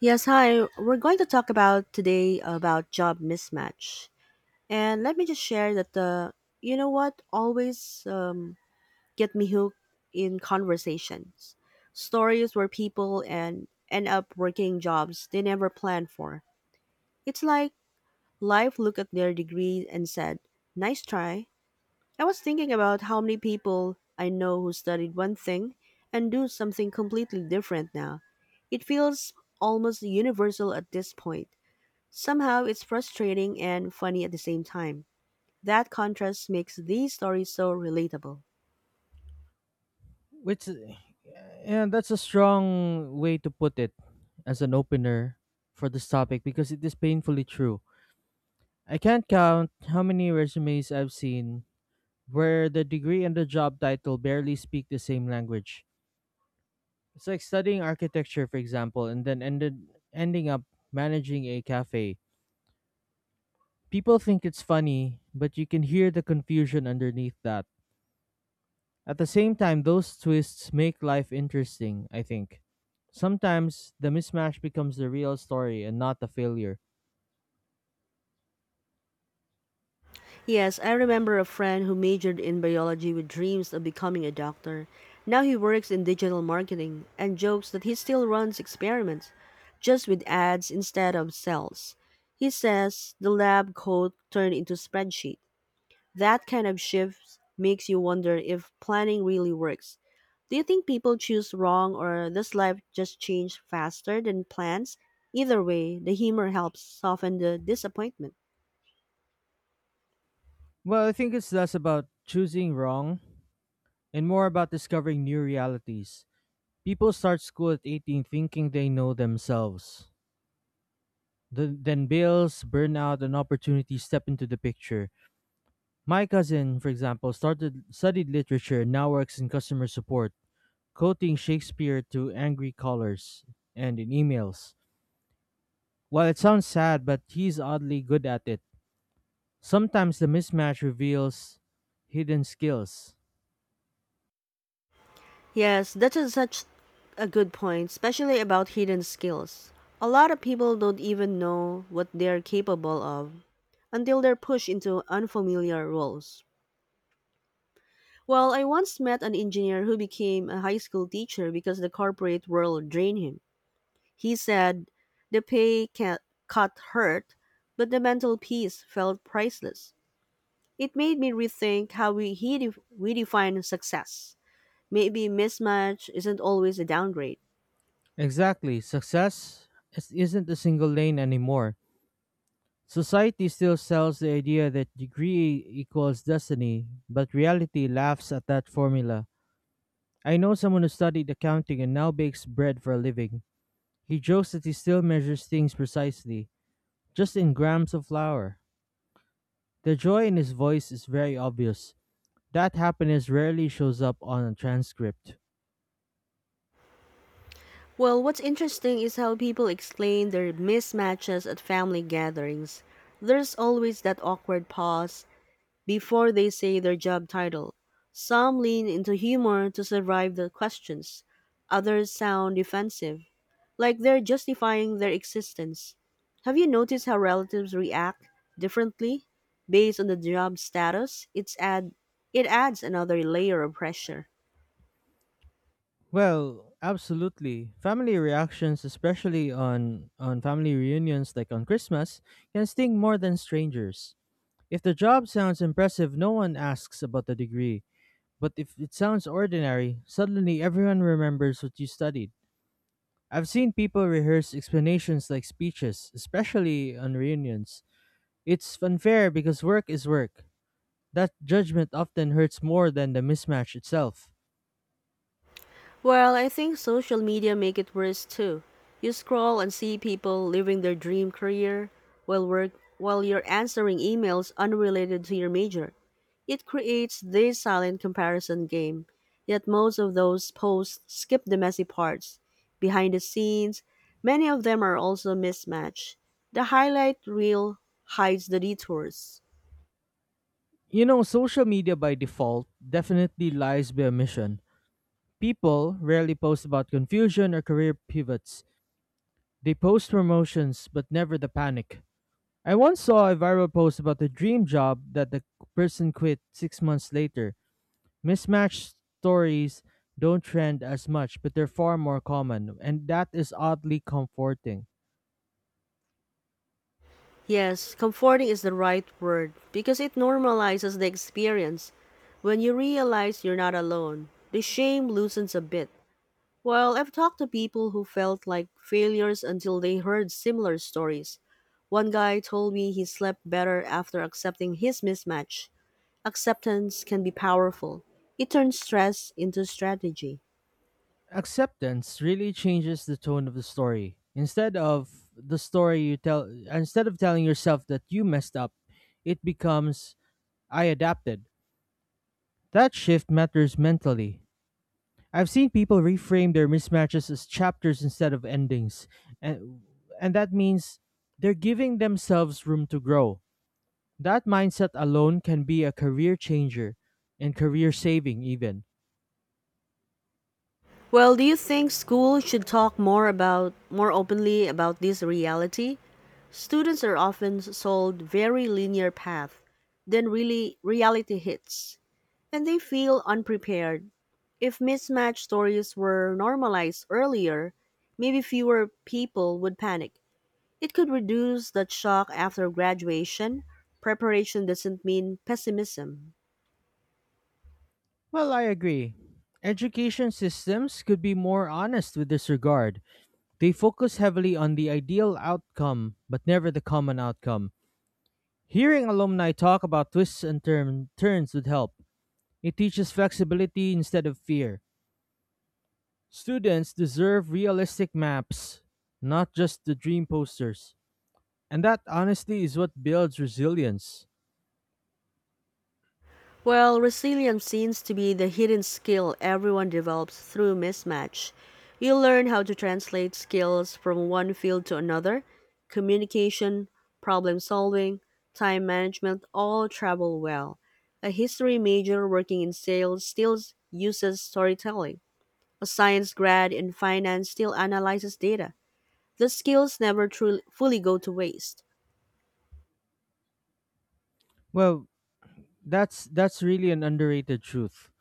Yes, hi. We're going to talk about today about job mismatch. And let me just share that the you know what always get me hooked in conversations. Stories where people and end up working jobs they never planned for. It's like life looked at their degree and said, "Nice try." I was thinking about how many people I know who studied one thing and do something completely different now. It feels almost universal at this point. Somehow it's frustrating and funny at the same time. That contrast makes these stories so relatable. Which, yeah, that's a strong way to put it as an opener for this topic because it is painfully true. I can't count how many resumes I've seen where the degree and the job title barely speak the same language. It's like studying architecture, for example, and then ended ending up managing a cafe. People think it's funny, but you can hear the confusion underneath that. At the same time, those twists make life interesting, I think. Sometimes the mismatch becomes the real story and not the failure. Yes, I remember a friend who majored in biology with dreams of becoming a doctor. Now he works in digital marketing and jokes that he still runs experiments, just with ads instead of cells. He says the lab coat turned into spreadsheet. That kind of shift makes you wonder if planning really works. Do you think people choose wrong or does life just change faster than plans? Either way, the humor helps soften the disappointment. Well, I think it's less about choosing wrong and more about discovering new realities. People start school at 18 thinking they know themselves. Then bills, burnout, and opportunity step into the picture. My cousin, for example, started studied literature and now works in customer support, quoting Shakespeare to angry callers and in emails. While it sounds sad, but he's oddly good at it. Sometimes the mismatch reveals hidden skills. Yes, such a good point, especially about hidden skills. A lot of people don't even know what they're capable of until they're pushed into unfamiliar roles. Well, I once met an engineer who became a high school teacher because the corporate world drained him. He said the cut hurt, but the mental peace felt priceless. It made me rethink how we define success. Maybe mismatch isn't always a downgrade. Exactly, success isn't a single lane anymore. Society still sells the idea that degree equals destiny, but reality laughs at that formula. I know someone who studied accounting and now bakes bread for a living. He jokes that he still measures things precisely, just in grams of flour. The joy in his voice is very obvious. That happiness rarely shows up on a transcript. Well, what's interesting is how people explain their mismatches at family gatherings. There's always that awkward pause before they say their job title. Some lean into humor to survive the questions, others sound defensive. Like they're justifying their existence. Have you noticed how relatives react differently based on the job status? It adds another layer of pressure. Well, absolutely. Family reactions, especially on family reunions like on Christmas, can sting more than strangers. If the job sounds impressive, no one asks about the degree. But if it sounds ordinary, suddenly everyone remembers what you studied. I've seen people rehearse explanations like speeches, especially on reunions. It's unfair because work is work. That judgment often hurts more than the mismatch itself. Well, I think social media make it worse too. You scroll and see people living their dream career while work while you're answering emails unrelated to your major. It creates this silent comparison game, yet most of those posts skip the messy parts. Behind the scenes, many of them are also mismatched. The highlight reel hides the detours. You know, social media by default definitely lies by omission. People rarely post about confusion or career pivots. They post promotions, but never the panic. I once saw a viral post about the dream job that the person quit 6 months later. Mismatched stories don't trend as much, but they're far more common, and that is oddly comforting. Yes, comforting is the right word because it normalizes the experience. When you realize you're not alone, the shame loosens a bit. Well, I've talked to people who felt like failures until they heard similar stories. One guy told me he slept better after accepting his mismatch. Acceptance can be powerful, it turns stress into strategy. Acceptance really changes the tone of the story. Instead of telling yourself that you messed up, it becomes, "I adapted." That shift matters mentally. I've seen people reframe their mismatches as chapters instead of endings, and and that means they're giving themselves room to grow. That mindset alone can be a career changer and career saving even. Well, do you think school should talk more openly about this reality? Students are often sold very linear path, then really reality hits, and they feel unprepared. If mismatched stories were normalized earlier, maybe fewer people would panic. It could reduce that shock after graduation. Preparation doesn't mean pessimism. Well, I agree. Education systems could be more honest with this regard. They focus heavily on the ideal outcome, but never the common outcome. Hearing alumni talk about twists and turns would help. It teaches flexibility instead of fear. Students deserve realistic maps, not just the dream posters. And that honesty is what builds resilience. Well, resilience seems to be the hidden skill everyone develops through mismatch. You learn how to translate skills from one field to another: communication, problem solving, time management all travel well. A history major working in sales still uses storytelling. A science grad in finance still analyzes data. The skills never truly fully go to waste. Well, that's really an underrated truth.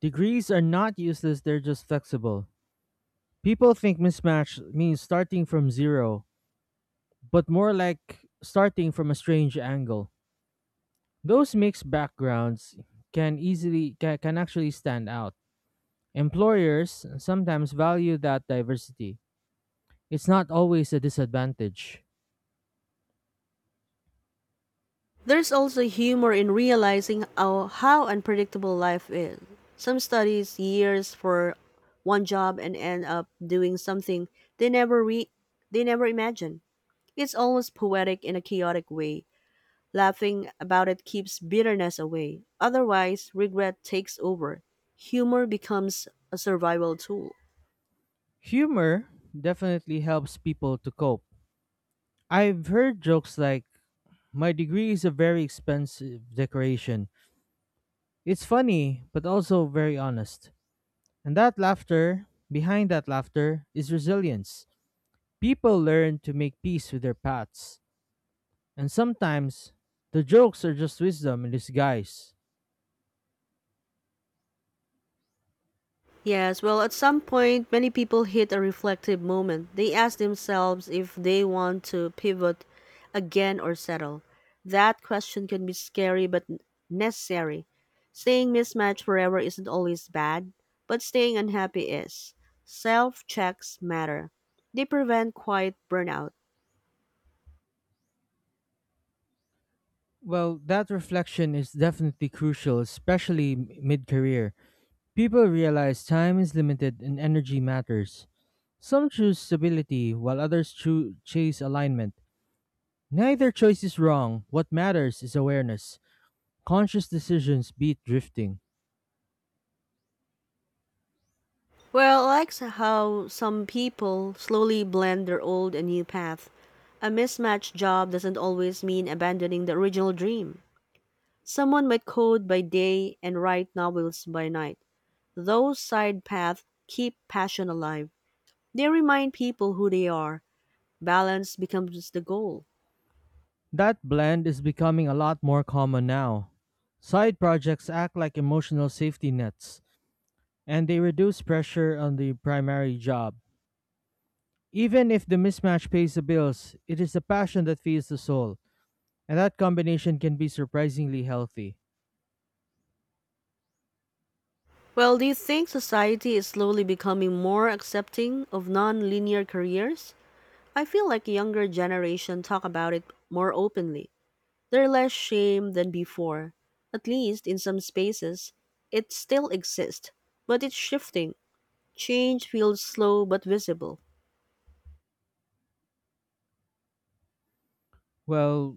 Degrees are not useless, they're just flexible. People think mismatch means starting from zero, but more like starting from a strange angle. Those mixed backgrounds can actually stand out. Employers sometimes value that diversity. It's not always a disadvantage. There's also humor in realizing how unpredictable life is. Some studies years for one job and end up doing something they never re- they never imagined. It's almost poetic in a chaotic way. Laughing about it keeps bitterness away. Otherwise, regret takes over. Humor becomes a survival tool. Humor definitely helps people to cope. I've heard jokes like, "My degree is a very expensive decoration." It's funny, but also very honest. Behind that laughter is resilience. People learn to make peace with their paths. And sometimes, the jokes are just wisdom in disguise. Yes, well, at some point, many people hit a reflective moment. They ask themselves if they want to pivot again or settle. That question can be scary but necessary. Staying mismatched forever isn't always bad, but staying unhappy is. Self checks matter, they prevent quiet burnout. Well, that reflection is definitely crucial, especially mid career. People realize time is limited and energy matters. Some choose stability while others chase alignment. Neither choice is wrong. What matters is awareness. Conscious decisions beat drifting. Well, how some people slowly blend their old and new path. A mismatched job doesn't always mean abandoning the original dream. Someone might code by day and write novels by night. Those side paths keep passion alive. They remind people who they are. Balance becomes the goal. That blend is becoming a lot more common now. Side projects act like emotional safety nets, and they reduce pressure on the primary job. Even if the mismatch pays the bills, it is the passion that feeds the soul, and that combination can be surprisingly healthy. Well, do you think society is slowly becoming more accepting of non-linear careers? I feel like younger generation talk about it more openly. They're less shame than before. At least in some spaces, it still exists, but it's shifting. Change feels slow but visible. Well,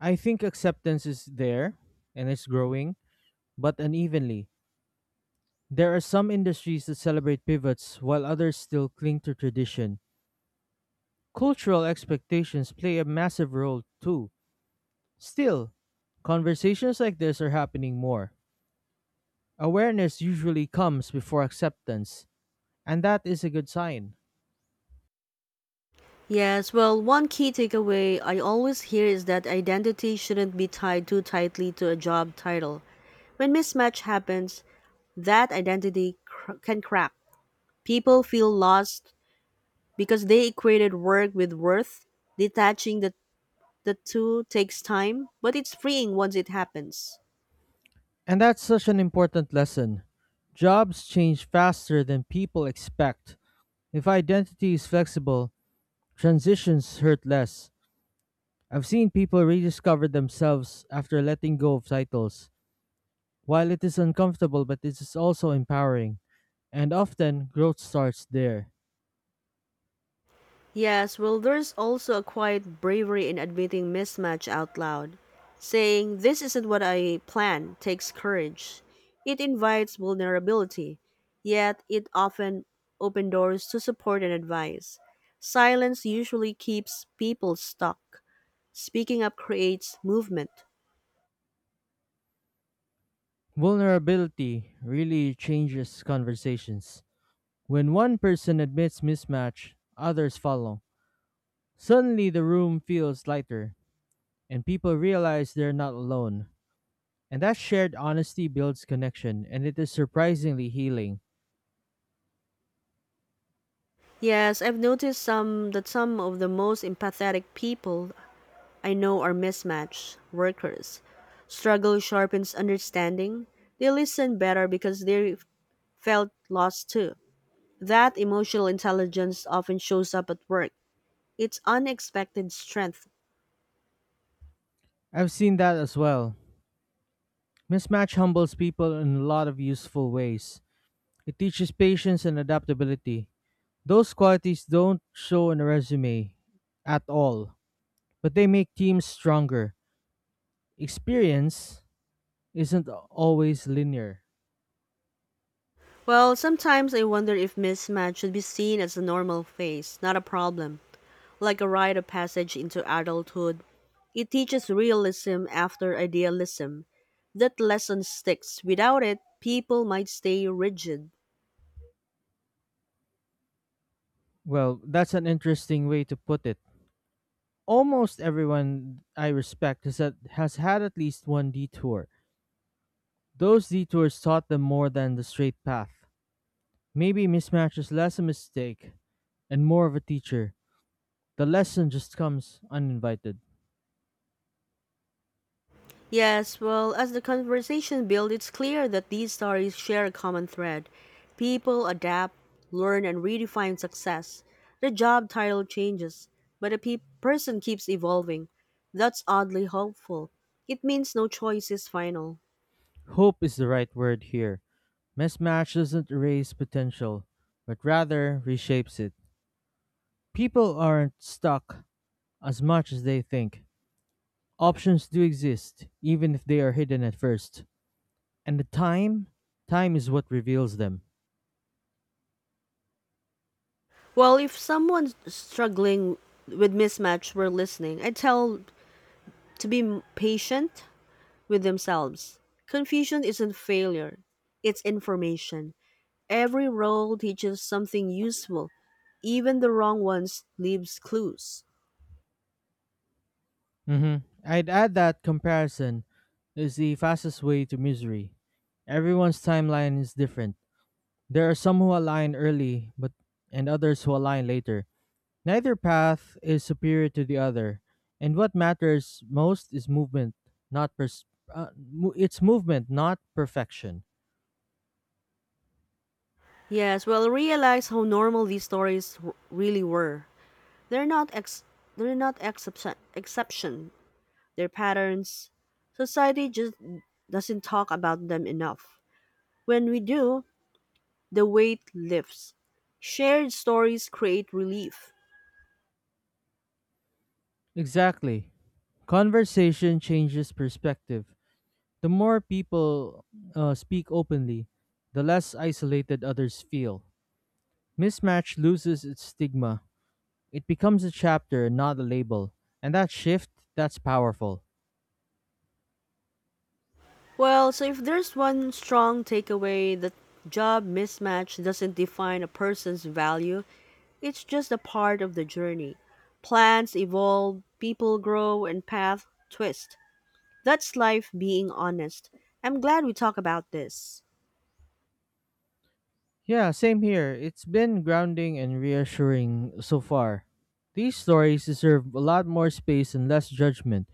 I think acceptance is there, and it's growing, but unevenly. There are some industries that celebrate pivots, while others still cling to tradition. Cultural expectations play a massive role, too. Still, conversations like this are happening more. Awareness usually comes before acceptance, and that is a good sign. Yes, well, one key takeaway I always hear is that identity shouldn't be tied too tightly to a job title. When mismatch happens, that can crack. People feel lost because they equated work with worth. Detaching the two takes time, but it's freeing once it happens. And that's such an important lesson. Jobs change faster than people expect. If identity is flexible, transitions hurt less. I've seen people rediscover themselves after letting go of titles. While it is uncomfortable, but it is also empowering. And often, growth starts there. Yes, well, there's also a quiet bravery in admitting mismatch out loud. Saying, "This isn't what I planned," takes courage. It invites vulnerability, yet, it often opens doors to support and advice. Silence usually keeps people stuck. Speaking up creates movement. Vulnerability really changes conversations. When one person admits mismatch, others follow. Suddenly, the room feels lighter, and people realize they're not alone. And that shared honesty builds connection, and it is surprisingly healing. Yes, I've noticed some that some of the most empathetic people I know are mismatched workers. Struggle sharpens understanding. They listen better because they felt lost too. That emotional intelligence often shows up at work. It's unexpected strength. I've seen that as well. Mismatch humbles people in a lot of useful ways. It teaches patience and adaptability. Those qualities don't show in a resume at all, but they make teams stronger. Experience isn't always linear. Well, sometimes I wonder if mismatch should be seen as a normal phase, not a problem, like a rite of passage into adulthood. It teaches realism after idealism. That lesson sticks. Without it, people might stay rigid. Well, that's an interesting way to put it. Almost everyone I respect has had at least one detour. Those detours taught them more than the straight path. Maybe mismatch is less a mistake and more of a teacher. The lesson just comes uninvited. Yes, well, as the conversation builds, it's clear that these stories share a common thread. People adapt, learn, and redefine success. The job title changes, but person keeps evolving. That's oddly hopeful. It means no choice is final. Hope is the right word here. Mismatch doesn't erase potential, but rather reshapes it. People aren't stuck as much as they think. Options do exist, even if they are hidden at first. And the time? Time is what reveals them. Well, if someone's struggling with mismatch, we're listening. I tell patient with themselves. Confusion isn't failure, it's information. Every role teaches something useful. Even the wrong ones leaves clues. hmm I'd add that comparison is the fastest way to misery. Everyone's timeline is different. There are some who align early, but and others who align later. Neither path is superior to the other, and what matters most is movement, not pers- mo- it's movement, not perfection. Yes, well, realize how normal these really were. They're not ex- they're not excep. Exception. They're patterns. Society just doesn't talk about them enough. When we do, the weight lifts. Shared stories create relief. Exactly. Conversation changes perspective. The more people speak openly, the less isolated others feel. Mismatch loses its stigma. It becomes a chapter, not a label. And that shift, that's powerful. Well, so if there's one strong takeaway that job mismatch doesn't define a person's value, it's just a part of the journey. Plans evolve, people grow, and paths twist. That's life being honest. I'm glad we talk about this. Yeah, same here. It's been grounding and reassuring so far. These stories deserve a lot more space and less judgment.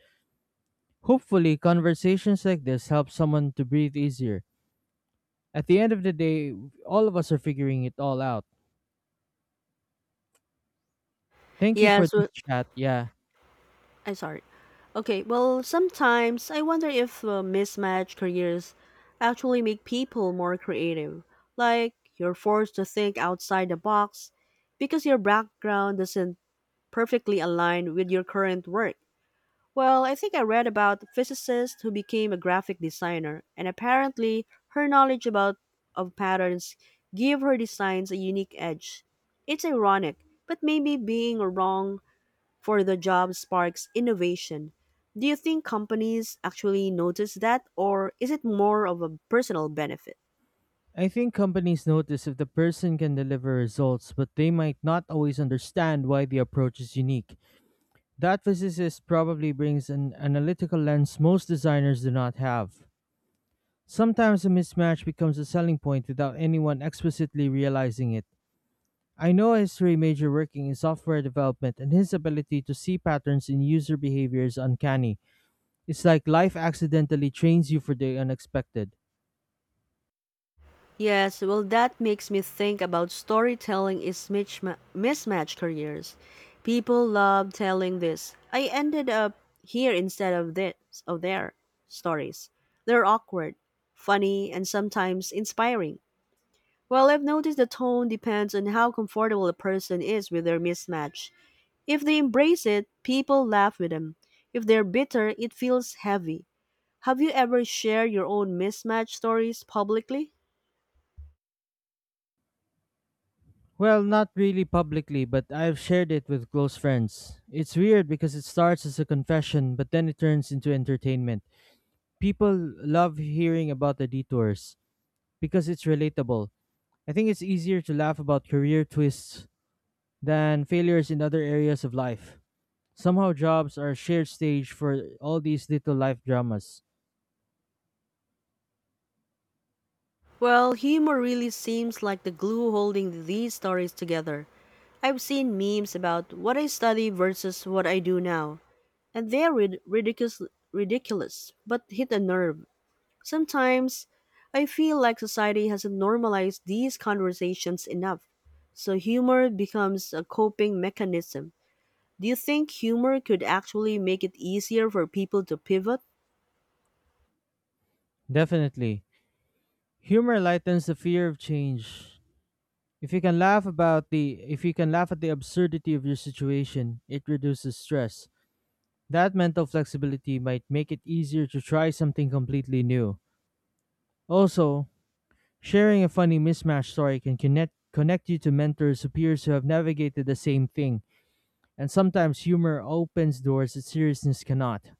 Hopefully, conversations like this help someone to breathe easier. At the end of the day, all of us are figuring it all out. Thank you for Yes, this chat. Yeah. I'm sorry. Okay, well, sometimes I wonder if mismatched careers actually make people more creative. Like, you're forced to think outside the box because your background doesn't perfectly align with your current work. Well, I think I read about a physicist who became a graphic designer, and apparently her knowledge about of patterns give her designs a unique edge. It's ironic, but maybe being wrong for the job sparks innovation. Do you think companies actually notice that, or is it more of a personal benefit? I think companies notice if the person can deliver results, but they might not always understand why the approach is unique. That physicist probably brings an analytical lens most designers do not have. Sometimes a mismatch becomes a selling point without anyone explicitly realizing it. I know a history major working in software development, and his ability to see patterns in user behavior is uncanny. It's like life accidentally trains you for the unexpected. Yes, well, that makes me think about storytelling is mismatched careers. People love telling this. "I ended up here instead of there" stories. They're awkward, funny, and sometimes inspiring. Well, I've noticed the tone depends on how comfortable a person is with their mismatch. If they embrace it, people laugh with them. If they're bitter, it feels heavy. Have you ever shared your own mismatch stories publicly? Well, not really publicly, but I've shared it with close friends. It's weird because it starts as a confession, but then it turns into entertainment. People love hearing about the detours because it's relatable. I think it's easier to laugh about career twists than failures in other areas of life. Somehow, jobs are a shared stage for all these little life dramas. Well, humor really seems like the glue holding these stories together. I've seen memes about what I study versus what I do now, and ridiculous, but hit a nerve. Sometimes I feel like society hasn't normalized these conversations enough, so humor becomes a coping mechanism. Do you think humor could actually make it easier for people to pivot? Definitely. Humor lightens the fear of change. If you can laugh about the if you can laugh at the absurdity of your situation, it reduces stress. That mental flexibility might make it easier to try something completely new. Also, sharing a funny mismatch story can connect you to mentors or peers who have navigated the same thing, and sometimes humor opens doors that seriousness cannot.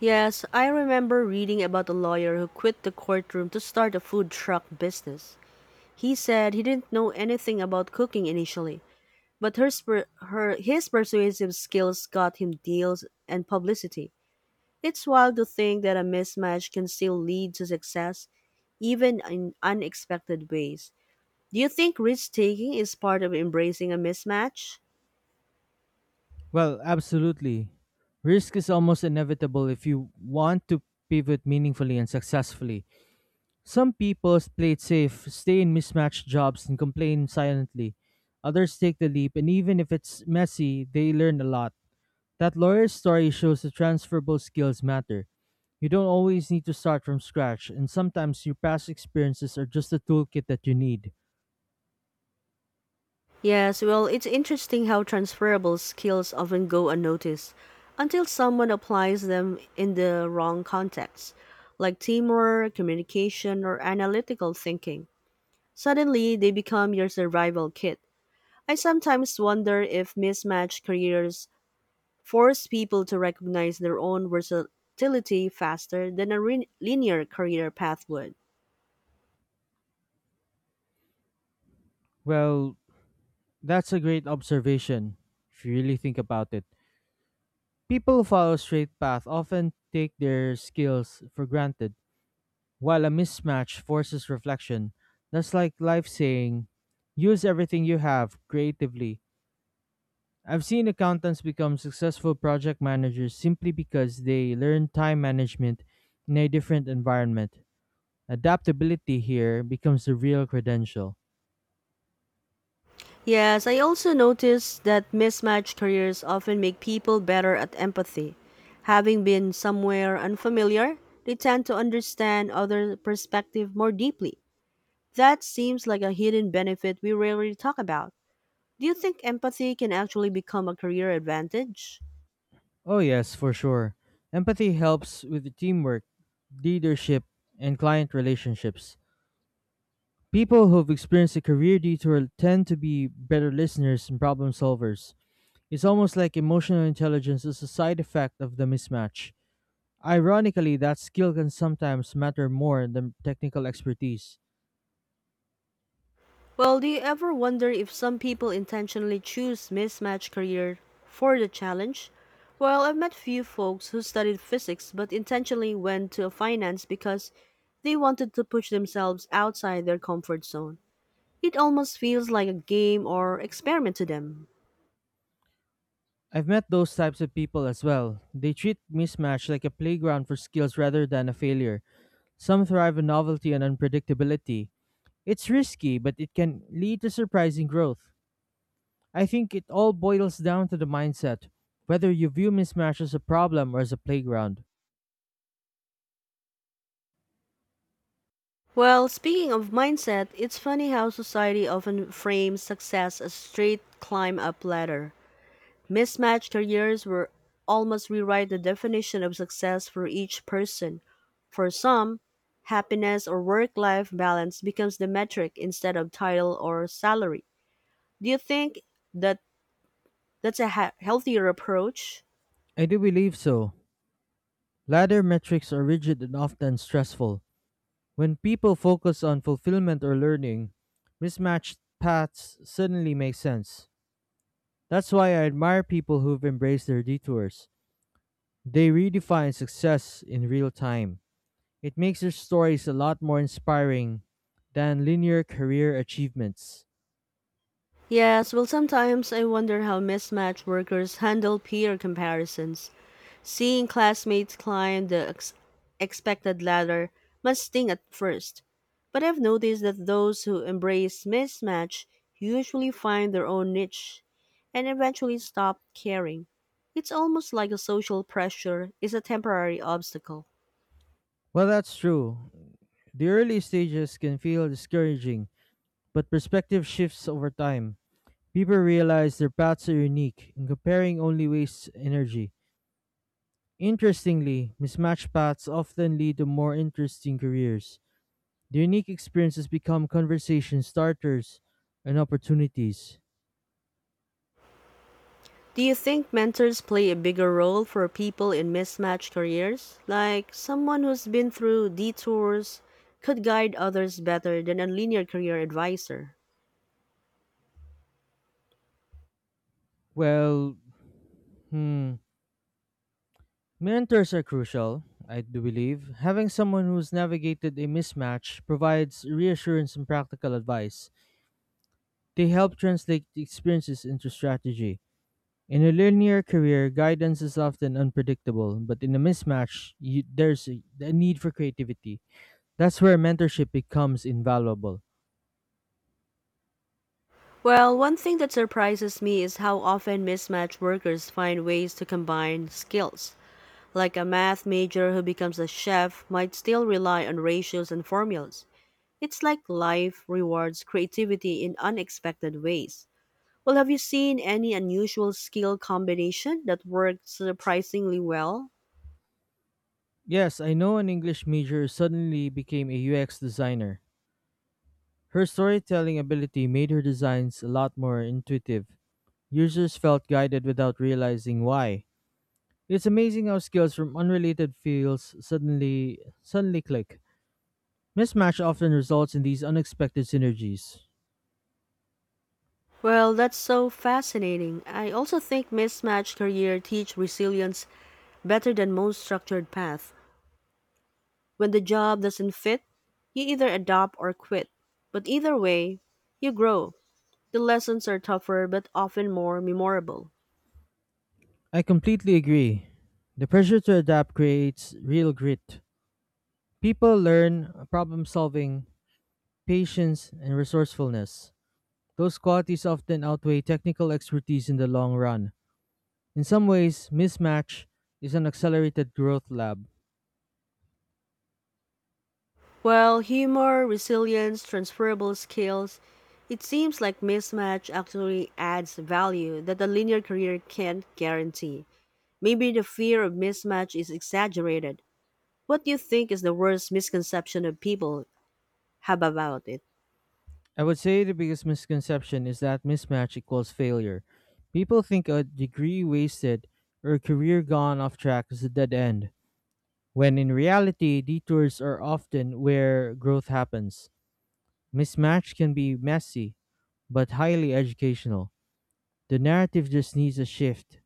Yes, I remember reading about a lawyer who quit the courtroom to start a food truck business. He said he didn't know anything about cooking initially, but her, sper- her his persuasive skills got him deals and publicity. It's wild to think that a mismatch can still lead to success, even in unexpected ways. Do you think risk taking is part of embracing a mismatch? Well, absolutely. Risk is almost inevitable if you want to pivot meaningfully and successfully. Some people play it safe, stay in mismatched jobs, and complain silently. Others take the leap, and even if it's messy, they learn a lot. That lawyer's story shows that transferable skills matter. You don't always need to start from scratch, and sometimes your past experiences are just the toolkit that you need. Yes, well, it's interesting how transferable skills often go unnoticed until someone applies them in the wrong context, like teamwork, communication, or analytical thinking. Suddenly, they become your survival kit. I sometimes wonder if mismatched careers force people to recognize their own versatility faster than linear career path would. Well, that's a great observation, if you really think about it. People who follow a straight path often take their skills for granted. While a mismatch forces reflection, that's like life saying, use everything you have creatively. I've seen accountants become successful project managers simply because they learned time management in a different environment. Adaptability here becomes the real credential. Yes, I also noticed that mismatched careers often make people better at empathy. Having been somewhere unfamiliar, they tend to understand other perspective more deeply. That seems like a hidden benefit we rarely talk about. Do you think empathy can actually become a career advantage? Oh, yes, for sure. Empathy helps with the teamwork, leadership, and client relationships. People who've experienced a career detour tend to be better listeners and problem solvers. It's almost like emotional intelligence is a side effect of the mismatch. Ironically, that skill can sometimes matter more than technical expertise. Well, do you ever wonder if some people intentionally choose mismatched career for the challenge? Well, I've met few folks who studied physics but intentionally went to finance because they wanted to push themselves outside their comfort zone. It almost feels like a game or experiment to them. I've met those types of people as well. They treat mismatch like a playground for skills rather than a failure. Some thrive on novelty and unpredictability. It's risky, but it can lead to surprising growth. I think it all boils down to the mindset, whether you view mismatch as a problem or as a playground. Well, speaking of mindset, it's funny how society often frames success as straight climb up ladder. Mismatched careers were almost rewrite the definition of success for each person. For some, happiness or work-life balance becomes the metric instead of title or salary. Do you think that that's healthier approach? I do believe so. Ladder metrics are rigid and often stressful. When people focus on fulfillment or learning, mismatched paths suddenly make sense. That's why I admire people who've embraced their detours. They redefine success in real time. It makes their stories a lot more inspiring than linear career achievements. Yes, well sometimes I wonder how mismatched workers handle peer comparisons. Seeing classmates climb the expected ladder must sting at first, but I've noticed that those who embrace mismatch usually find their own niche and eventually stop caring. It's almost like a social pressure is a temporary obstacle. Well, that's true. The early stages can feel discouraging, but perspective shifts over time. People realize their paths are unique, and comparing only wastes energy. Interestingly, mismatched paths often lead to more interesting careers. The unique experiences become conversation starters and opportunities. Do you think mentors play a bigger role for people in mismatched careers? Like someone who's been through detours could guide others better than a linear career advisor. Well, hmm, mentors are crucial, I do believe. Having someone who's navigated a mismatch provides reassurance and practical advice. They help translate the experiences into strategy. In a linear career, guidance is often unpredictable, but in a mismatch, there's a need for creativity. That's where mentorship becomes invaluable. Well, one thing that surprises me is how often mismatched workers find ways to combine skills. Like a math major who becomes a chef might still rely on ratios and formulas. It's like life rewards creativity in unexpected ways. Well, have you seen any unusual skill combination that worked surprisingly well? Yes, I know an English major suddenly became a UX designer. Her storytelling ability made her designs a lot more intuitive. Users felt guided without realizing why. It's amazing how skills from unrelated fields suddenly click. Mismatch often results in these unexpected synergies. Well, that's so fascinating. I also think mismatched career teach resilience better than most structured path. When the job doesn't fit, you either adapt or quit. But either way, you grow. The lessons are tougher but often more memorable. I completely agree. The pressure to adapt creates real grit. People learn problem solving, patience, and resourcefulness. Those qualities often outweigh technical expertise in the long run. In some ways, mismatch is an accelerated growth lab. Well, humor, resilience, transferable skills, it seems like mismatch actually adds value that a linear career can't guarantee. Maybe the fear of mismatch is exaggerated. What do you think is the worst misconception of people have about it? I would say the biggest misconception is that mismatch equals failure. People think a degree wasted or a career gone off track is a dead end, when in reality, detours are often where growth happens. Mismatch can be messy, but highly educational. The narrative just needs a shift.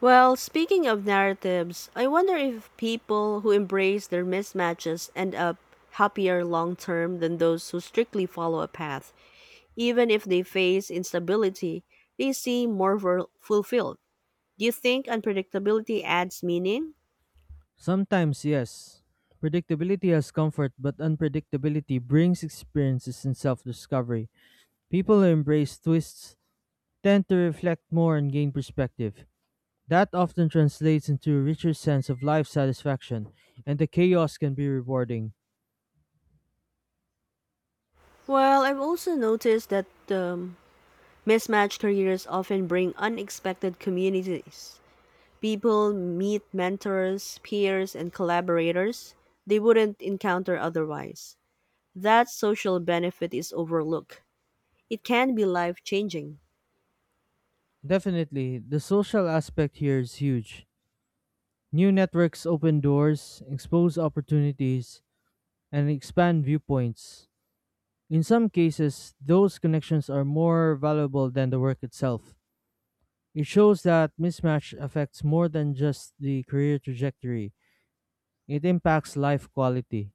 Well, speaking of narratives, I wonder if people who embrace their mismatches end up happier long term than those who strictly follow a path. Even if they face instability, they seem fulfilled. Do you think unpredictability adds meaning? Sometimes, yes. Predictability has comfort, but unpredictability brings experiences and self discovery. People who embrace twists tend to reflect more and gain perspective. That often translates into a richer sense of life satisfaction, and the chaos can be rewarding. Well, I've also noticed that mismatched careers often bring unexpected communities. People meet mentors, peers, and collaborators they wouldn't encounter otherwise. That social benefit is overlooked. It can be life changing. Definitely, the social aspect here is huge. New networks open doors, expose opportunities, and expand viewpoints. In some cases, those connections are more valuable than the work itself. It shows that mismatch affects more than just the career trajectory, it impacts life quality.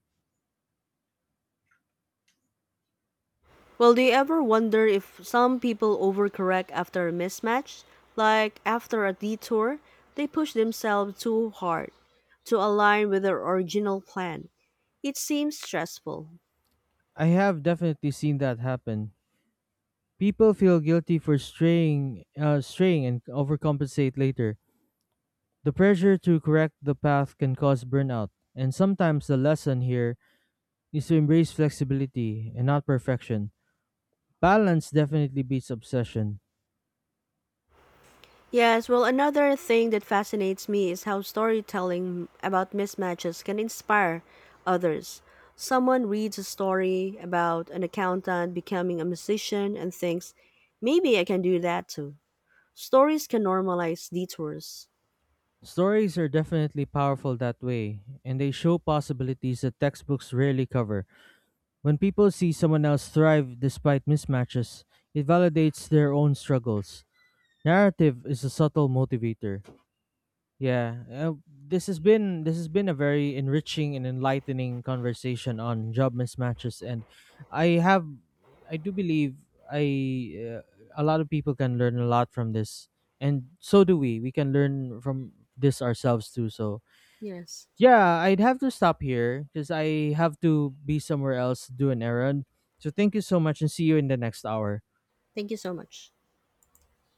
Well, do you ever wonder if some people overcorrect after a mismatch? Like after a detour, they push themselves too hard to align with their original plan. It seems stressful. I have definitely seen that happen. People feel guilty for straying and overcompensate later. The pressure to correct the path can cause burnout, and sometimes the lesson here is to embrace flexibility and not perfection. Balance definitely beats obsession. Yes, well, another thing that fascinates me is how storytelling about mismatches can inspire others. Someone reads a story about an accountant becoming a musician and thinks, maybe I can do that too. Stories can normalize detours. Stories are definitely powerful that way, and they show possibilities that textbooks rarely cover. When people see someone else thrive despite mismatches, it validates their own struggles. Narrative is a subtle motivator. Yeah, this has been a very enriching and enlightening conversation on job mismatches, and I have I do believe I a lot of people can learn a lot from this, and so do we. We can learn from this ourselves too. So Yes. yeah, I'd have to stop here because I have to be somewhere else to do an errand. So thank you so much and see you in the next hour. Thank you so much.